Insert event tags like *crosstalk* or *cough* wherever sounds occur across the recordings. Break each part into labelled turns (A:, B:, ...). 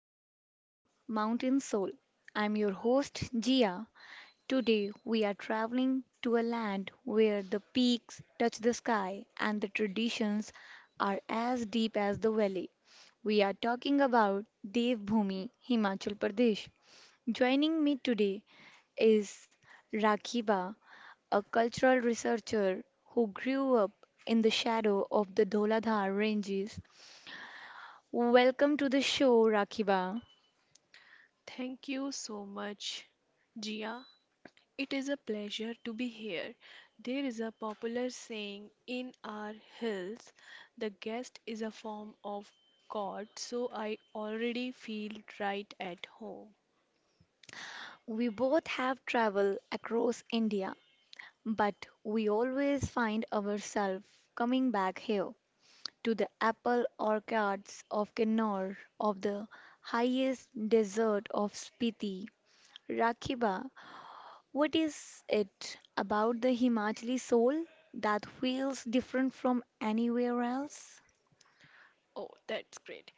A: back to the Mountain Soul. I'm your host, Gia. Today, we are traveling to a land where the peaks touch the sky and the traditions are as deep as the valley. We are talking about Devbhoomi, Himachal Pradesh. Joining me today is Rakhiba, a cultural researcher who grew up in the shadow of the Dholathar ranges. Welcome to the show, Rakiba.
B: Thank you so much, Jia. It is a pleasure to be here. There is a popular saying in our hills: the guest is a form of God, so I already feel right at home.
A: We both have traveled across India, but we always find ourselves coming back here to the apple orchards of Kinnaur, of the highest desert of Spiti. Rakiba, what is it about the Himachali soul that feels different from anywhere else?
B: Oh, that's great.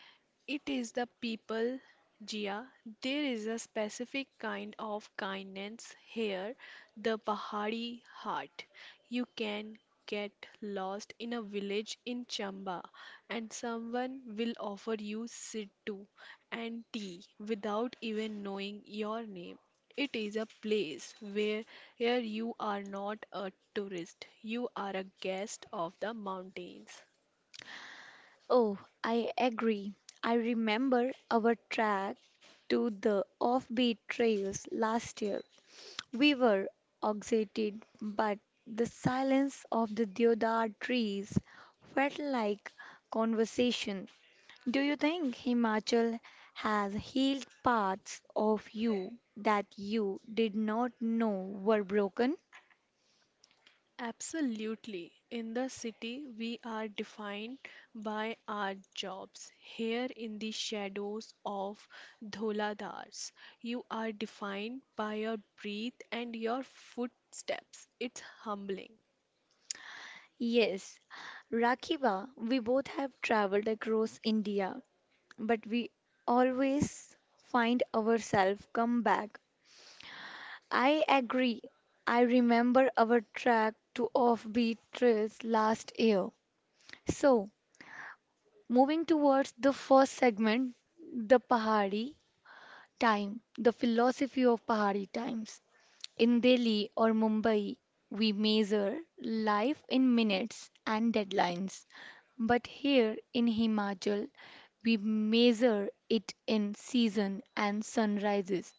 B: It is the people, Jia. There is a specific kind of kindness here, the Pahari heart. You can get lost in a village in Chamba, and someone will offer you siddhu and tea without even knowing your name. It is a place where you are not a tourist, you are a guest of the mountains.
A: Oh, I agree. I remember our trek to the offbeat trails last year. We were exhausted, but the silence of the deodar trees felt like conversation. Do you think Himachal has healed parts of you that you did not know were broken?
B: Absolutely. In the city, we are defined by our jobs. Here in the shadows of Dholadars, you are defined by your breath and your footsteps. It's humbling.
A: Yes, Rakiba, we both have traveled across India but we always find ourselves come back. I agree. I remember our track to offbeat trails last year. So, moving towards the first segment, the Pahari time, the philosophy of Pahari times. In Delhi or Mumbai, we measure life in minutes and deadlines. But here in Himachal, we measure it in season and sunrises.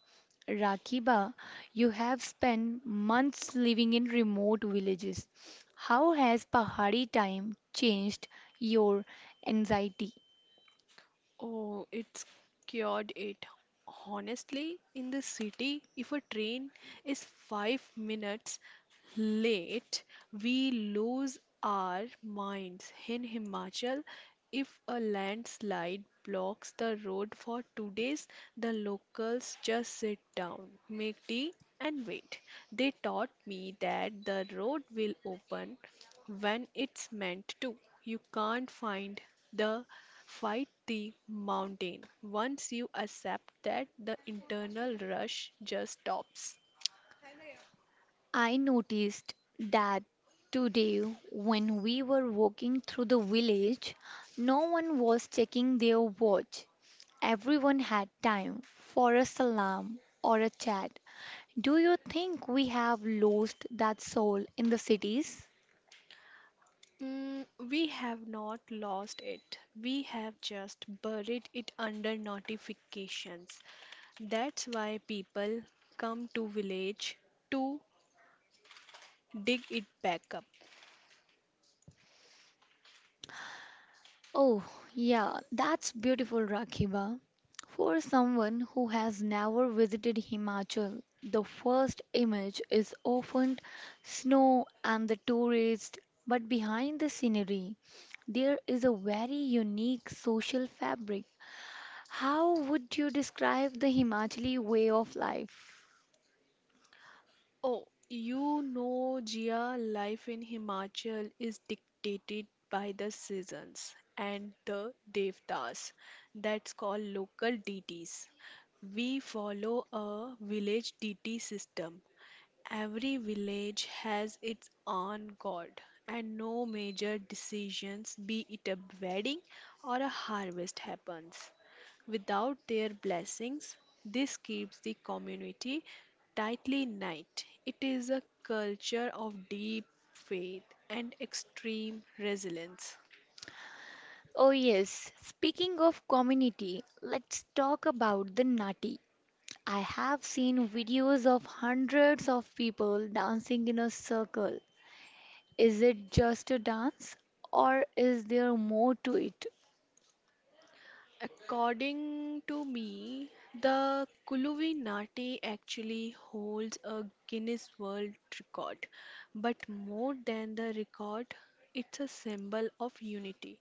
A: Rakiba, you have spent months living in remote villages. How has Pahari time changed your anxiety?
B: Oh, it's cured it. Honestly, in the city, if a train is 5 minutes late, we lose our minds. In Himachal, if a landslide blocks the road for 2 days, the locals just sit down, make tea, and wait. They taught me that the road will open when it's meant to. You can't find the Fight the mountain. Once you accept that, the internal rush just stops.
A: I noticed that today, when we were walking through the village, no one was checking their watch. Everyone had time for a salam or a chat. Do you think we have lost that soul in the cities?
B: We have not lost it. We have just buried it under notifications. That's why people come to village to dig it back up.
A: Oh, yeah, that's beautiful, Rakiba. For someone who has never visited Himachal, the first image is often snow and the tourist, but behind the scenery, there is a very unique social fabric. How would you describe the Himachali way of life?
B: Oh, you know, Jia, life in Himachal is dictated by the seasons and the devtas. That's called local deities. We follow a village deity system. Every village has its own god, and no major decisions, be it a wedding or a harvest, happens without their blessings. This keeps the community tightly knit. It is a culture of deep faith and extreme resilience.
A: Oh, yes, speaking of community, let's talk about the Nati. I have seen videos of hundreds of people dancing in a circle. Is it just a dance or is there more to it?
B: According to me, the Kuluvi Nati actually holds a Guinness World Record. But more than the record, it's a symbol of unity.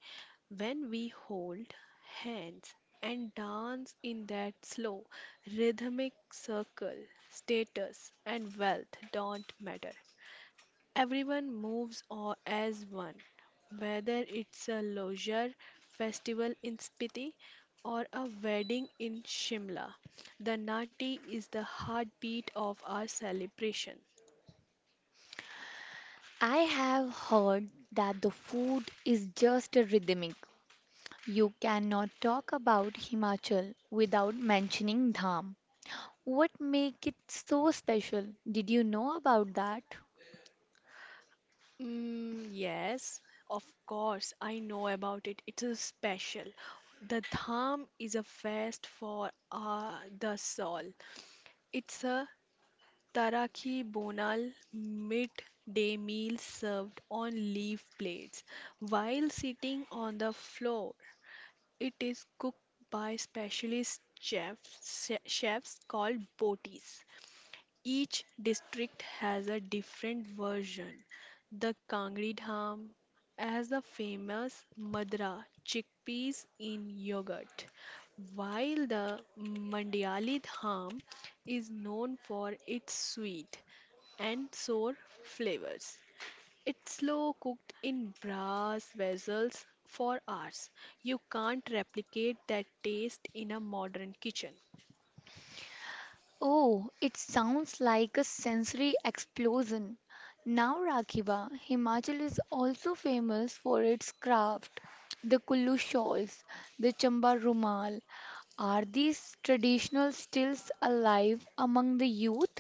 B: When we hold hands and dance in that slow, rhythmic circle, status and wealth don't matter. Everyone moves or as one, whether it's a leisure festival in Spiti or a wedding in Shimla. The Nati is the heartbeat of our celebration.
A: I have heard that the food is just a rhythmic. You cannot talk about Himachal without mentioning Dham. What make it so special? Did you know about that?
B: Mm, yes, of course, I know about it. It's a special. The Dham is a fest for the soul. It's a Taraki Bonal midday meal served on leaf plates while sitting on the floor. It is cooked by specialist chefs called botis. Each district has a different version. The Kangri Dham as the famous Madra chickpeas in yogurt, while the Mandiali Dham is known for its sweet and sour flavors. It's slow cooked in brass vessels for hours. You can't replicate that taste in a modern kitchen.
A: Oh, it sounds like a sensory explosion. Now, Rakiba, Himachal is also famous for its craft. The Kullu shawls, the Chamba Rumal. Are these traditional stills alive among the youth?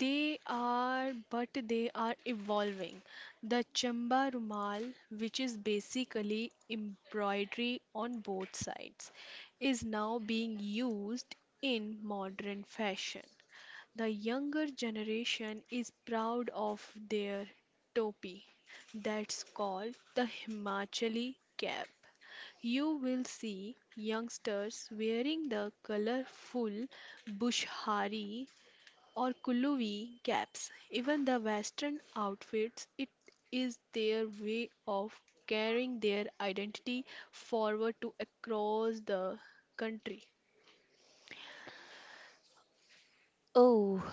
B: They are, but they are evolving. The Chamba Rumal, which is basically embroidery on both sides, is now being used in modern fashion. The younger generation is proud of their topi, that's called the Himachali cap. You will see youngsters wearing the colorful bushhari or Kulluvi caps. Even the Western outfits, it is their way of carrying their identity forward to across the country.
A: Oh,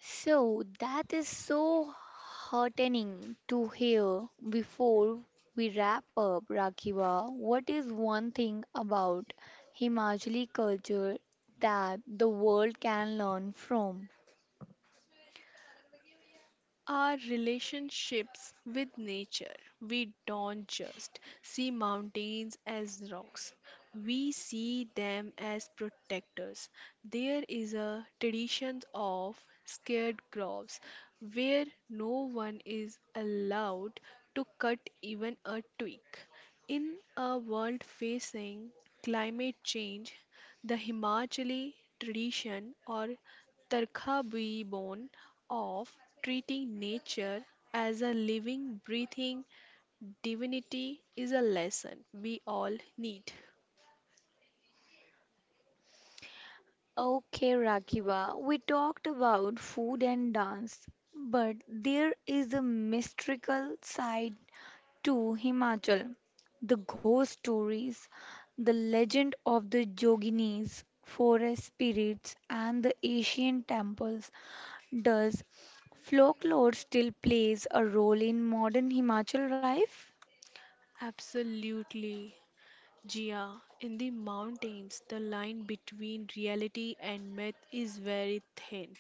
A: so that is so heartening to hear. Before we wrap up, Rakiva, what is one thing about Himachali culture that the world can learn from?
B: Our relationships with nature. We don't just see mountains as rocks, we see them as protectors. There is a tradition of scared groves where no one is allowed to cut even a twig. In a world facing climate change, the Himachali tradition or Tarkha Bhi Bon of treating nature as a living, breathing divinity is a lesson we all need.
A: Okay, Rakiva, we talked about food and dance, but there is a mystical side to Himachal. The ghost stories, the legend of the Joginis, forest spirits, and the ancient temples. Does folklore still plays a role in modern Himachal life?
B: Absolutely, Jia. In the mountains, the line between reality and myth is very thin.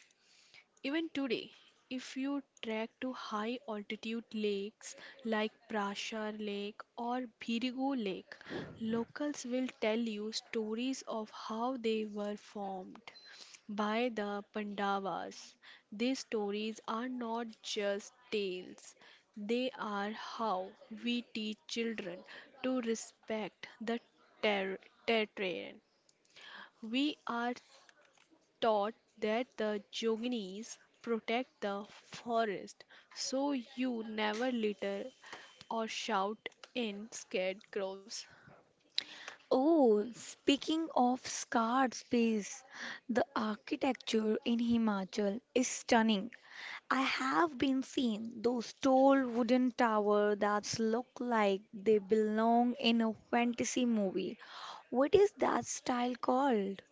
B: Even today, if you trek to high altitude lakes like Prashar Lake or Bhirigu Lake, locals will tell you stories of how they were formed by the Pandavas. These stories are not just tales, they are how we teach children to respect the ter- terrain. We are taught that the Joginis protect the forest so you never litter or shout in scared crows.
A: Oh, speaking of scarred space, the architecture in Himachal is stunning. I have been seeing those tall wooden towers that look like they belong in a fantasy movie. What is that style called?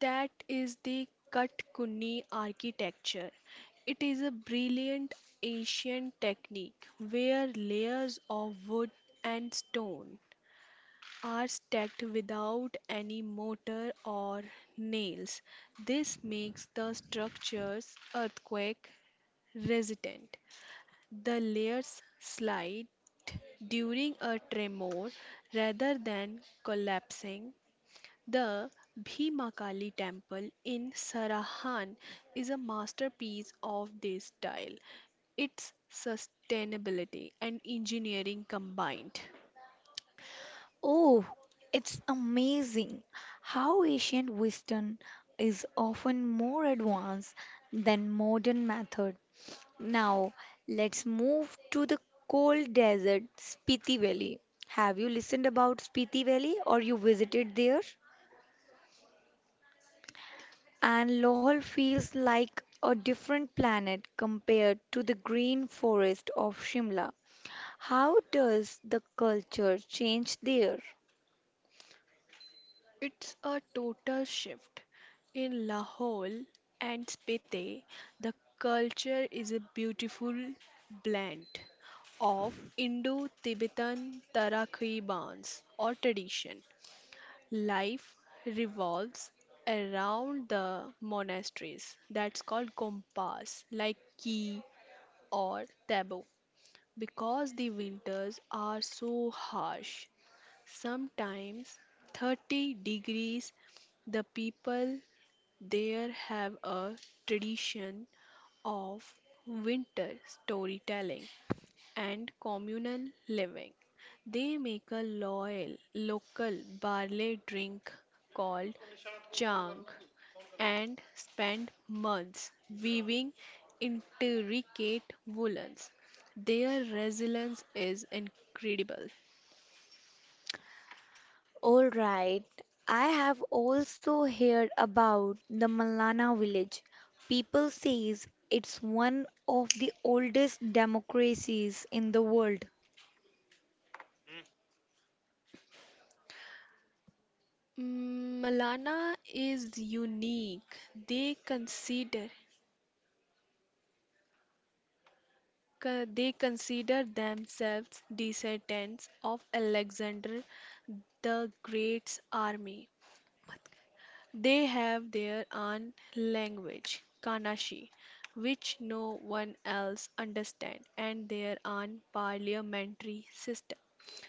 B: That is the Katkuni architecture. It is a brilliant ancient technique where layers of wood and stone are stacked without any mortar or nails. This makes the structures earthquake resistant. The layers slide during a tremor rather than collapsing. The Bhimakali temple in Sarahan is a masterpiece of this style. Its sustainability and engineering combined.
A: Oh, it's amazing how ancient wisdom is often more advanced than modern method. Now, let's move to the cold desert Spiti Valley. Have you listened about Spiti Valley or you visited there? And Lohol feels like a different planet compared to the green forest of Shimla. How does the culture change there?
B: It's a total shift. In Lahore and Spiti, the culture is a beautiful blend of Indo-Tibetan Tarakhibans or tradition. Life revolves around the monasteries that's called kompas, like ki or tabo, because the winters are so harsh, sometimes 30 degrees. The people there have a tradition of winter storytelling and communal living. They make a loyal local barley drink called chang and spend months weaving intricate woolens. Their resilience is incredible.
A: All right. I have also heard about the Malana village. People says it's one of the oldest democracies in the world.
B: Malana is unique. They consider they consider themselves descendants of Alexander the Great's army. They have their own language, Kanashi, which no one else understands, and their own parliamentary system.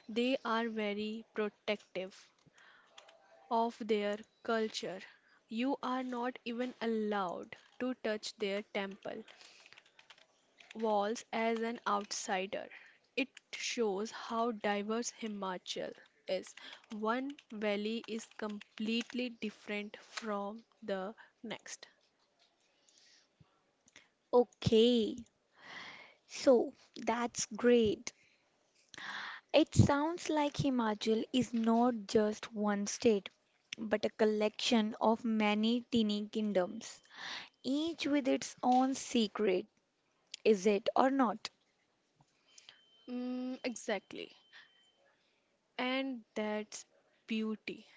B: They are very protective of their culture. You are not even allowed to touch their temple walls as an outsider. It shows how diverse Himachal is. One valley is completely different from the next.
A: Okay. So, that's great. It sounds like Himachal is not just one state, but a collection of many teeny kingdoms, each with its own secret, is it or not?
B: Mm, exactly. And that's beauty.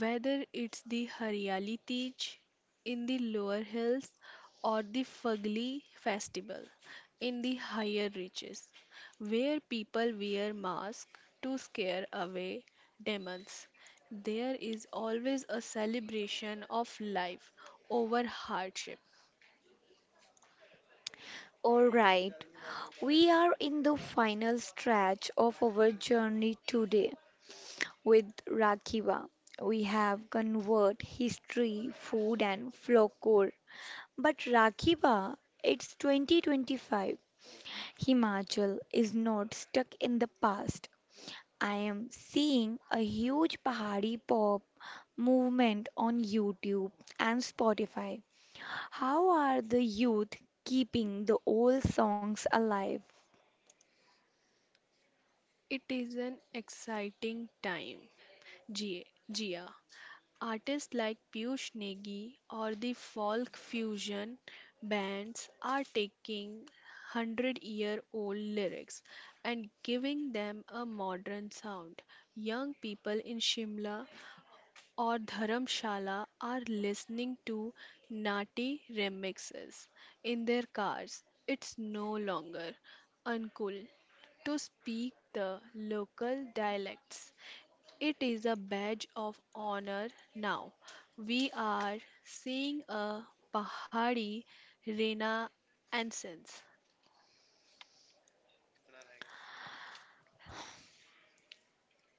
B: Whether it's the Haryali Tej in the lower hills or the Fagli festival in the higher reaches, where people wear masks to scare away demons, there is always a celebration of life over hardship.
A: All right. We are in the final stretch of our journey today with Rakiba. We have convert history, food and folklore. But Rakiba, it's 2025. Himachal is not stuck in the past. I am seeing a huge Pahari pop movement on YouTube and Spotify. How are the youth keeping the old songs alive?
B: It is an exciting time, Jia. Jia. Artists like Piyush Negi or the folk fusion bands are taking 100-year-old lyrics and giving them a modern sound. Young people in Shimla or Dharamshala are listening to naughty remixes in their cars. It's no longer uncool to speak the local dialects. It is a badge of honor now. We are seeing a Pahari renaissance.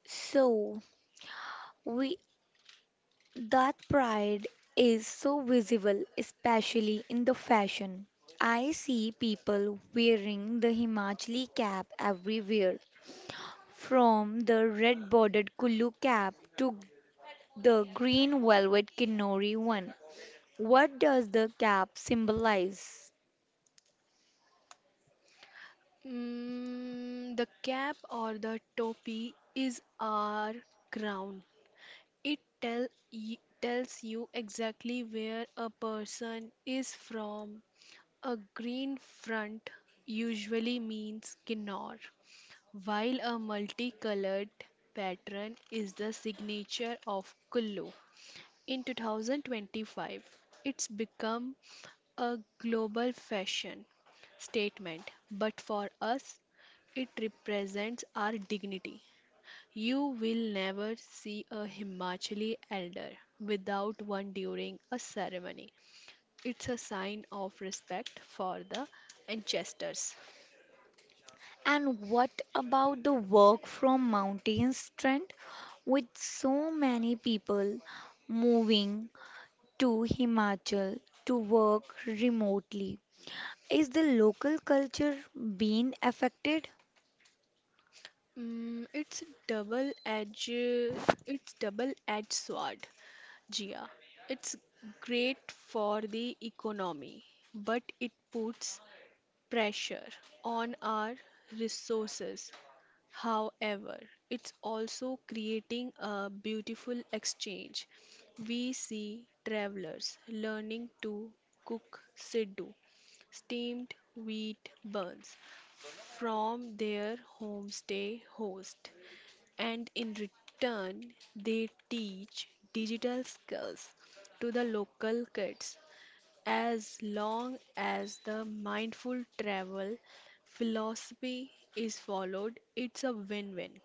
A: So, we That pride is so visible, especially in the fashion. I see people wearing the Himachali cap everywhere, from the red bordered Kullu cap to the green velvet Kinori one. What does the cap symbolize?
B: The cap or the topi is our crown. Tells you exactly where a person is from. A green front usually means Kinnor, while a multicolored pattern is the signature of Kullu. In 2025, it's become a global fashion statement, but for us, it represents our dignity. You will never see a Himachali elder without one during a ceremony. It's a sign of respect for the ancestors.
A: And what about the work from mountains trend? With so many people moving to Himachal to work remotely, is the local culture being affected?
B: Mm, it's double-edged. It's double-edged sword, Jia. It's great for the economy, but it puts pressure on our resources. However, it's also creating a beautiful exchange. We see travelers learning to cook siddu, steamed wheat buns, from their homestay host and in return, they teach digital skills to the local kids. As long as the mindful travel philosophy is followed, it's a win win.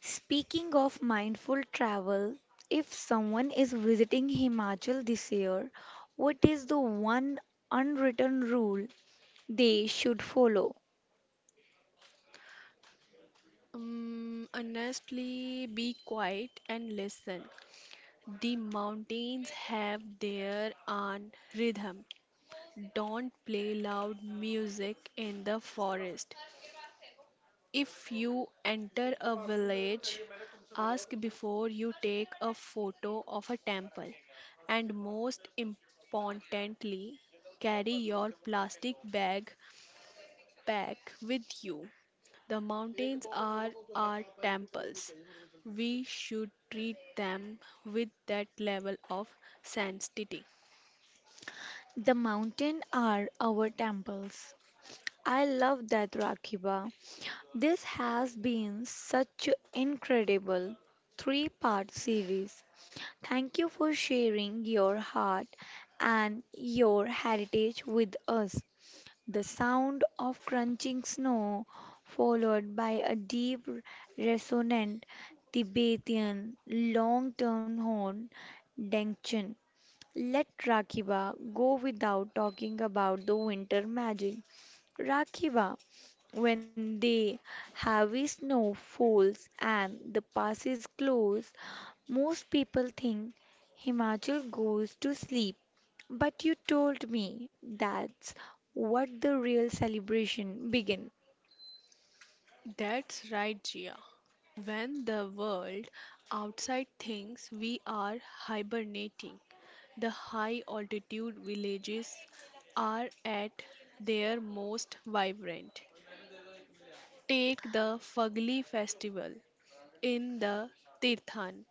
A: Speaking of mindful travel, if someone is visiting Himachal this year, what is the one unwritten rule they should follow?
B: Honestly, be quiet and listen. The mountains have their own rhythm. Don't play loud music in the forest. If you enter a village, ask before you take a photo of a temple. And most importantly, carry your plastic bag pack with you. The mountains are our temples. We should treat them with that level of sanctity.
A: The mountain are our temples. I love that, Rakiba. This has been such an incredible three-part series. Thank you for sharing your heart and your heritage with us. The sound of crunching snow, followed by a deep, resonant Tibetan long-tone horn, dengchen. Let Rakiba go without talking about the winter magic. Rakiba, when the heavy snow falls and the passes close, most people think Himachal goes to sleep. But you told me that's what the real celebration begins.
B: That's right, Gia. When the world outside thinks we are hibernating, the high altitude villages are at their most vibrant. Take the Fagli festival in the Tirthan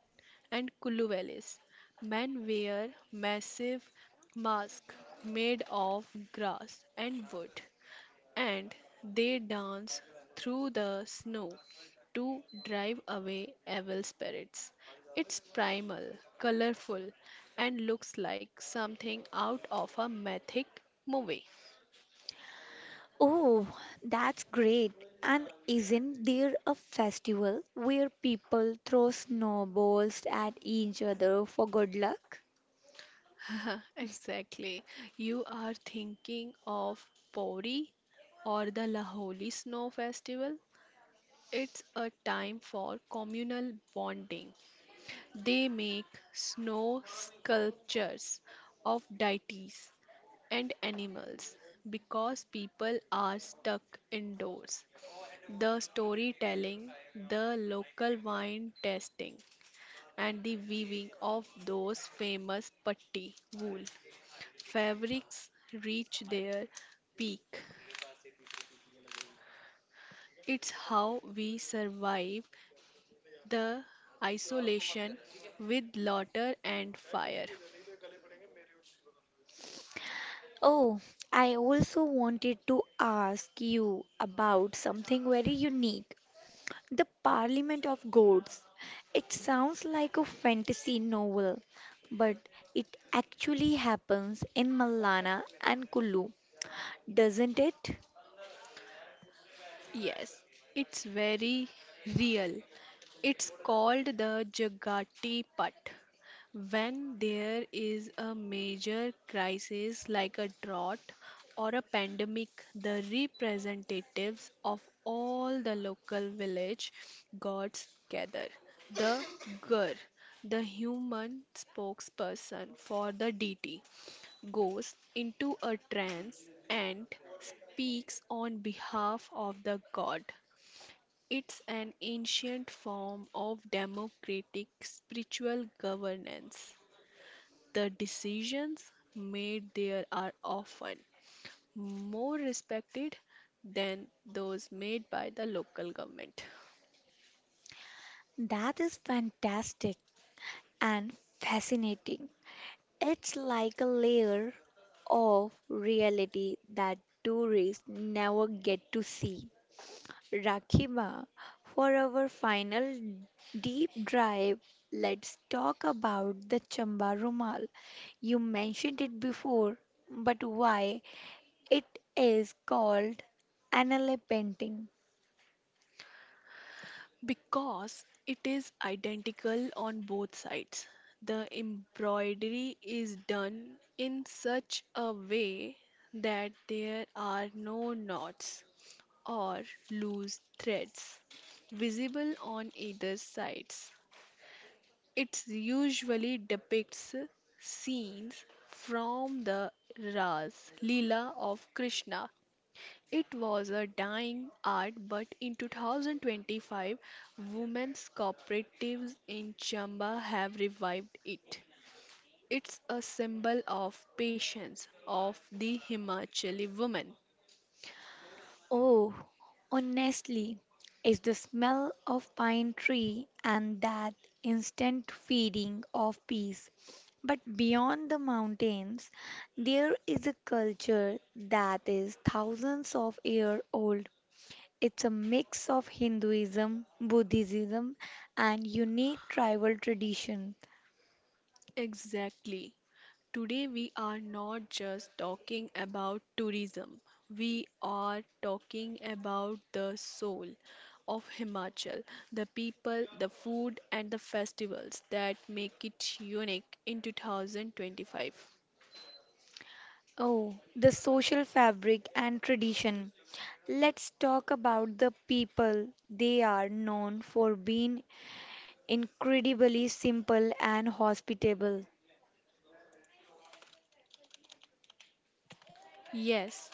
B: and Kullu valleys. Men wear massive masks made of grass and wood and they dance through the snow to drive away evil spirits. It's primal, colorful, and looks like something out of a mythic movie.
A: Oh, that's great. And isn't there a festival where people throw snowballs at each other for good luck?
B: *laughs* exactly. You are thinking of Pori or the Laholi Snow Festival? It's a time for communal bonding. They make snow sculptures of deities and animals. Because people are stuck indoors. The storytelling, the local wine tasting, and the weaving of those famous patti wool fabrics reach their peak. It's how we survive the isolation with laughter and fire.
A: Oh, I also wanted to ask you about something very unique, the Parliament of Gods. It sounds like a fantasy novel, but it actually happens in Malana and Kulu, doesn't it?
B: Yes, it's very real. It's called the Jagati Putt. When there is a major crisis like a drought or a pandemic, the representatives of all the local village gods gather. The Gur, the human spokesperson for the deity, goes into a trance and speaks on behalf of the god. It's an ancient form of democratic spiritual governance. The decisions made there are often more respected than those made by the local government.
A: That is fantastic and fascinating. It's like a layer of reality that tourists never get to see. Rakiba, for our final deep dive, let's talk about the Chamba Rumal. You mentioned it before, but why it is called Anale painting.
B: Because it is identical on both sides, the embroidery is done in such a way that there are no knots or loose threads visible on either sides. It usually depicts scenes from the Ras Leela of Krishna. It was a dying art, but in 2025, women's cooperatives in Chamba have revived it. It's a symbol of patience of the Himachali woman.
A: Oh, honestly, it's the smell of pine tree and that instant feeling of peace. But beyond the mountains, there is a culture that is thousands of years old. It's a mix of Hinduism, Buddhism, and unique tribal tradition.
B: Exactly. Today, we are not just talking about tourism, we are talking about the soul of Himachal, the people, the food, and the festivals that make it unique in 2025.
A: Oh, the social fabric and tradition. Let's talk about the people. They are known for being incredibly simple and hospitable.
B: Yes,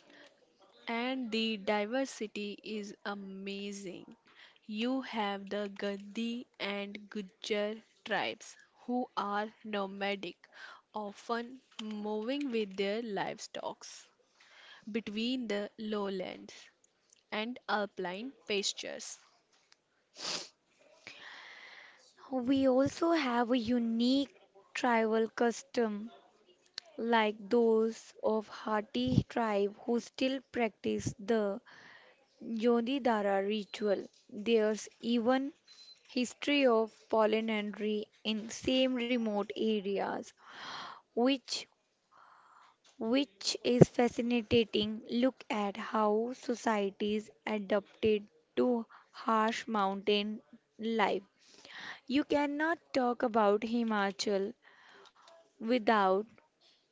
B: and the diversity is amazing. You have the Gaddi and Gujjar tribes who are nomadic, often moving with their livestock between the lowlands and alpine pastures.
A: We also have a unique tribal custom like those of Hatti tribe who still practice the Yodhidara ritual. There's even history of polyandry in same remote areas which which is fascinating. Look at how societies adapted to harsh mountain life. You cannot talk about Himachal without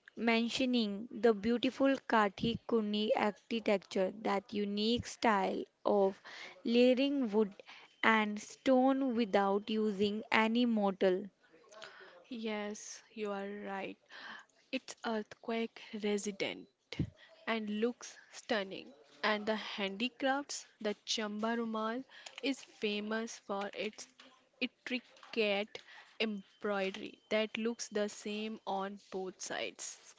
A: mentioning the beautiful Kathi Kuni architecture, that unique style of layering wood and stone without using any mortar.
B: Yes, you are right. It's earthquake resident and looks stunning. And the handicrafts, the Chamba Rumal is famous for its intricate embroidery that looks the same on both sides.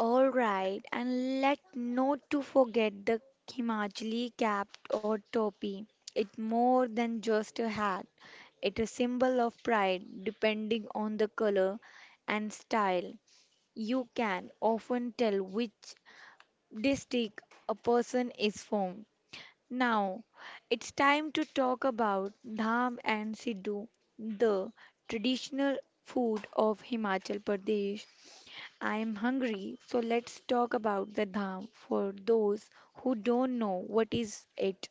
A: All right, and let not to forget the Himachali cap or topi. It's more than just a hat. It's a symbol of pride, depending on the color and style. You can often tell which district a person is from. Now, it's time to talk about dham and siddu, the traditional food of Himachal Pradesh. I am hungry, so let's talk about the dham for those who don't know what is it.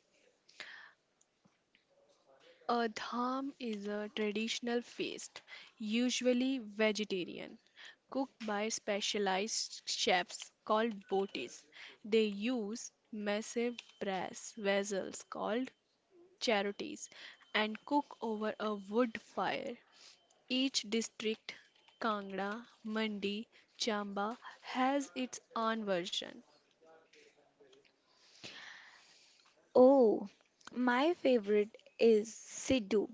B: A dham is a traditional feast, usually vegetarian, cooked by specialized chefs called botis. They use massive brass vessels called charotis and cook over a wood fire. Each district, Kangra, Mandi, Chamba, has its own version.
A: Oh, my favorite is Siddu.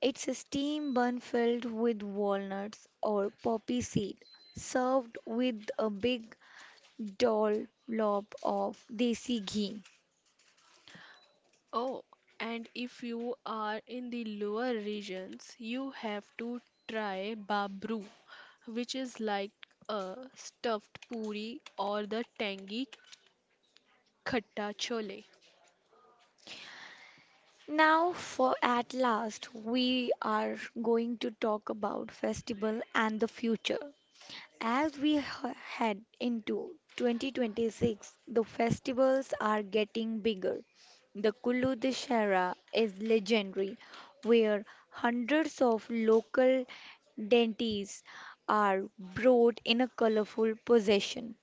A: It's a steam bun filled with walnuts or poppy seed, served with a big dollop of desi ghee.
B: Oh, and if you are in the lower regions, you have to try babru, which is like a stuffed puri or the tangy khatta chole.
A: Now, for at last, we are going to talk about festival and the future. As we head into 2026, the festivals are getting bigger. The Kullu Dussehra is legendary, where hundreds of local deities are brought in a colorful procession.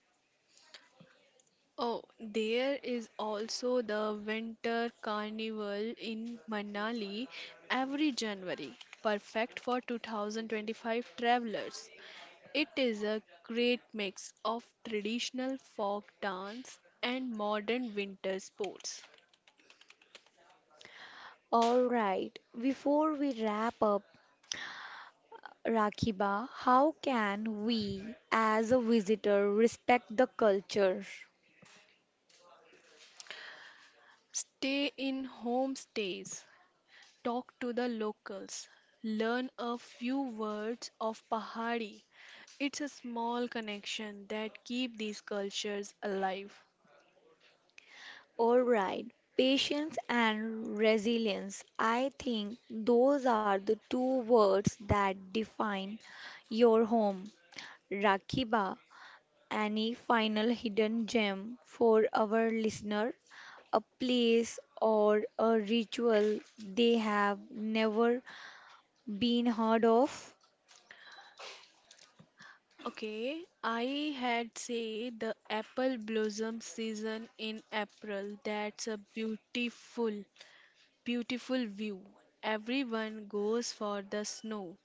B: Oh, there is also the winter carnival in Manali every January, perfect for 2025 travelers. It is a great mix of traditional folk dance and modern winter sports.
A: All right, before we wrap up, Rakiba, how can we as a visitor respect the culture?
B: Stay in homestays, talk to the locals, learn a few words of Pahari. It's a small connection that keep these cultures alive.
A: All right, patience and resilience. I think those are the two words that define your home. Rakiba, any final hidden gem for our listener? A place or a ritual they have never been heard of?
B: Okay, I had say the apple blossom season in April. That's a beautiful. Beautiful view. Everyone goes for the snow.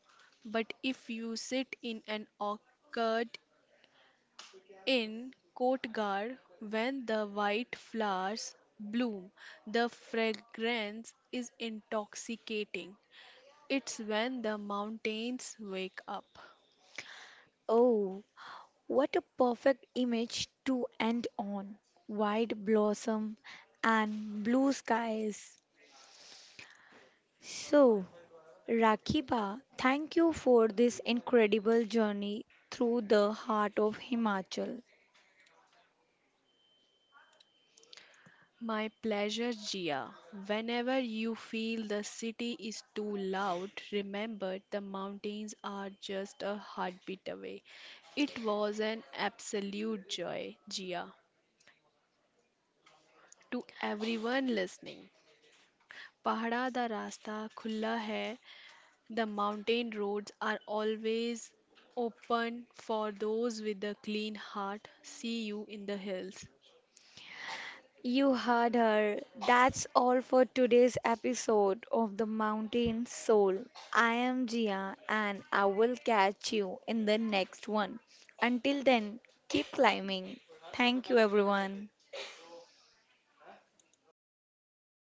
B: But if you sit in an orchard in Kotgarh when the white flowers bloom, the fragrance is intoxicating. It's when the mountains wake up.
A: Oh, what a perfect image to end on! White blossom and blue skies. So, Rakiba, thank you for this incredible journey through the heart of Himachal.
B: My pleasure, Gia. Whenever you feel the city is too loud, remember the mountains are just a heartbeat away. It was an absolute joy, Gia, to everyone listening. पहाड़ा दा रास्ता खुला है. The mountain roads are always open for those with a clean heart. See you in the hills.
A: You heard her. That's all for today's episode of The Mountain Soul. I am Jia and I will catch you in the next one. Until then, keep climbing. Thank you, everyone.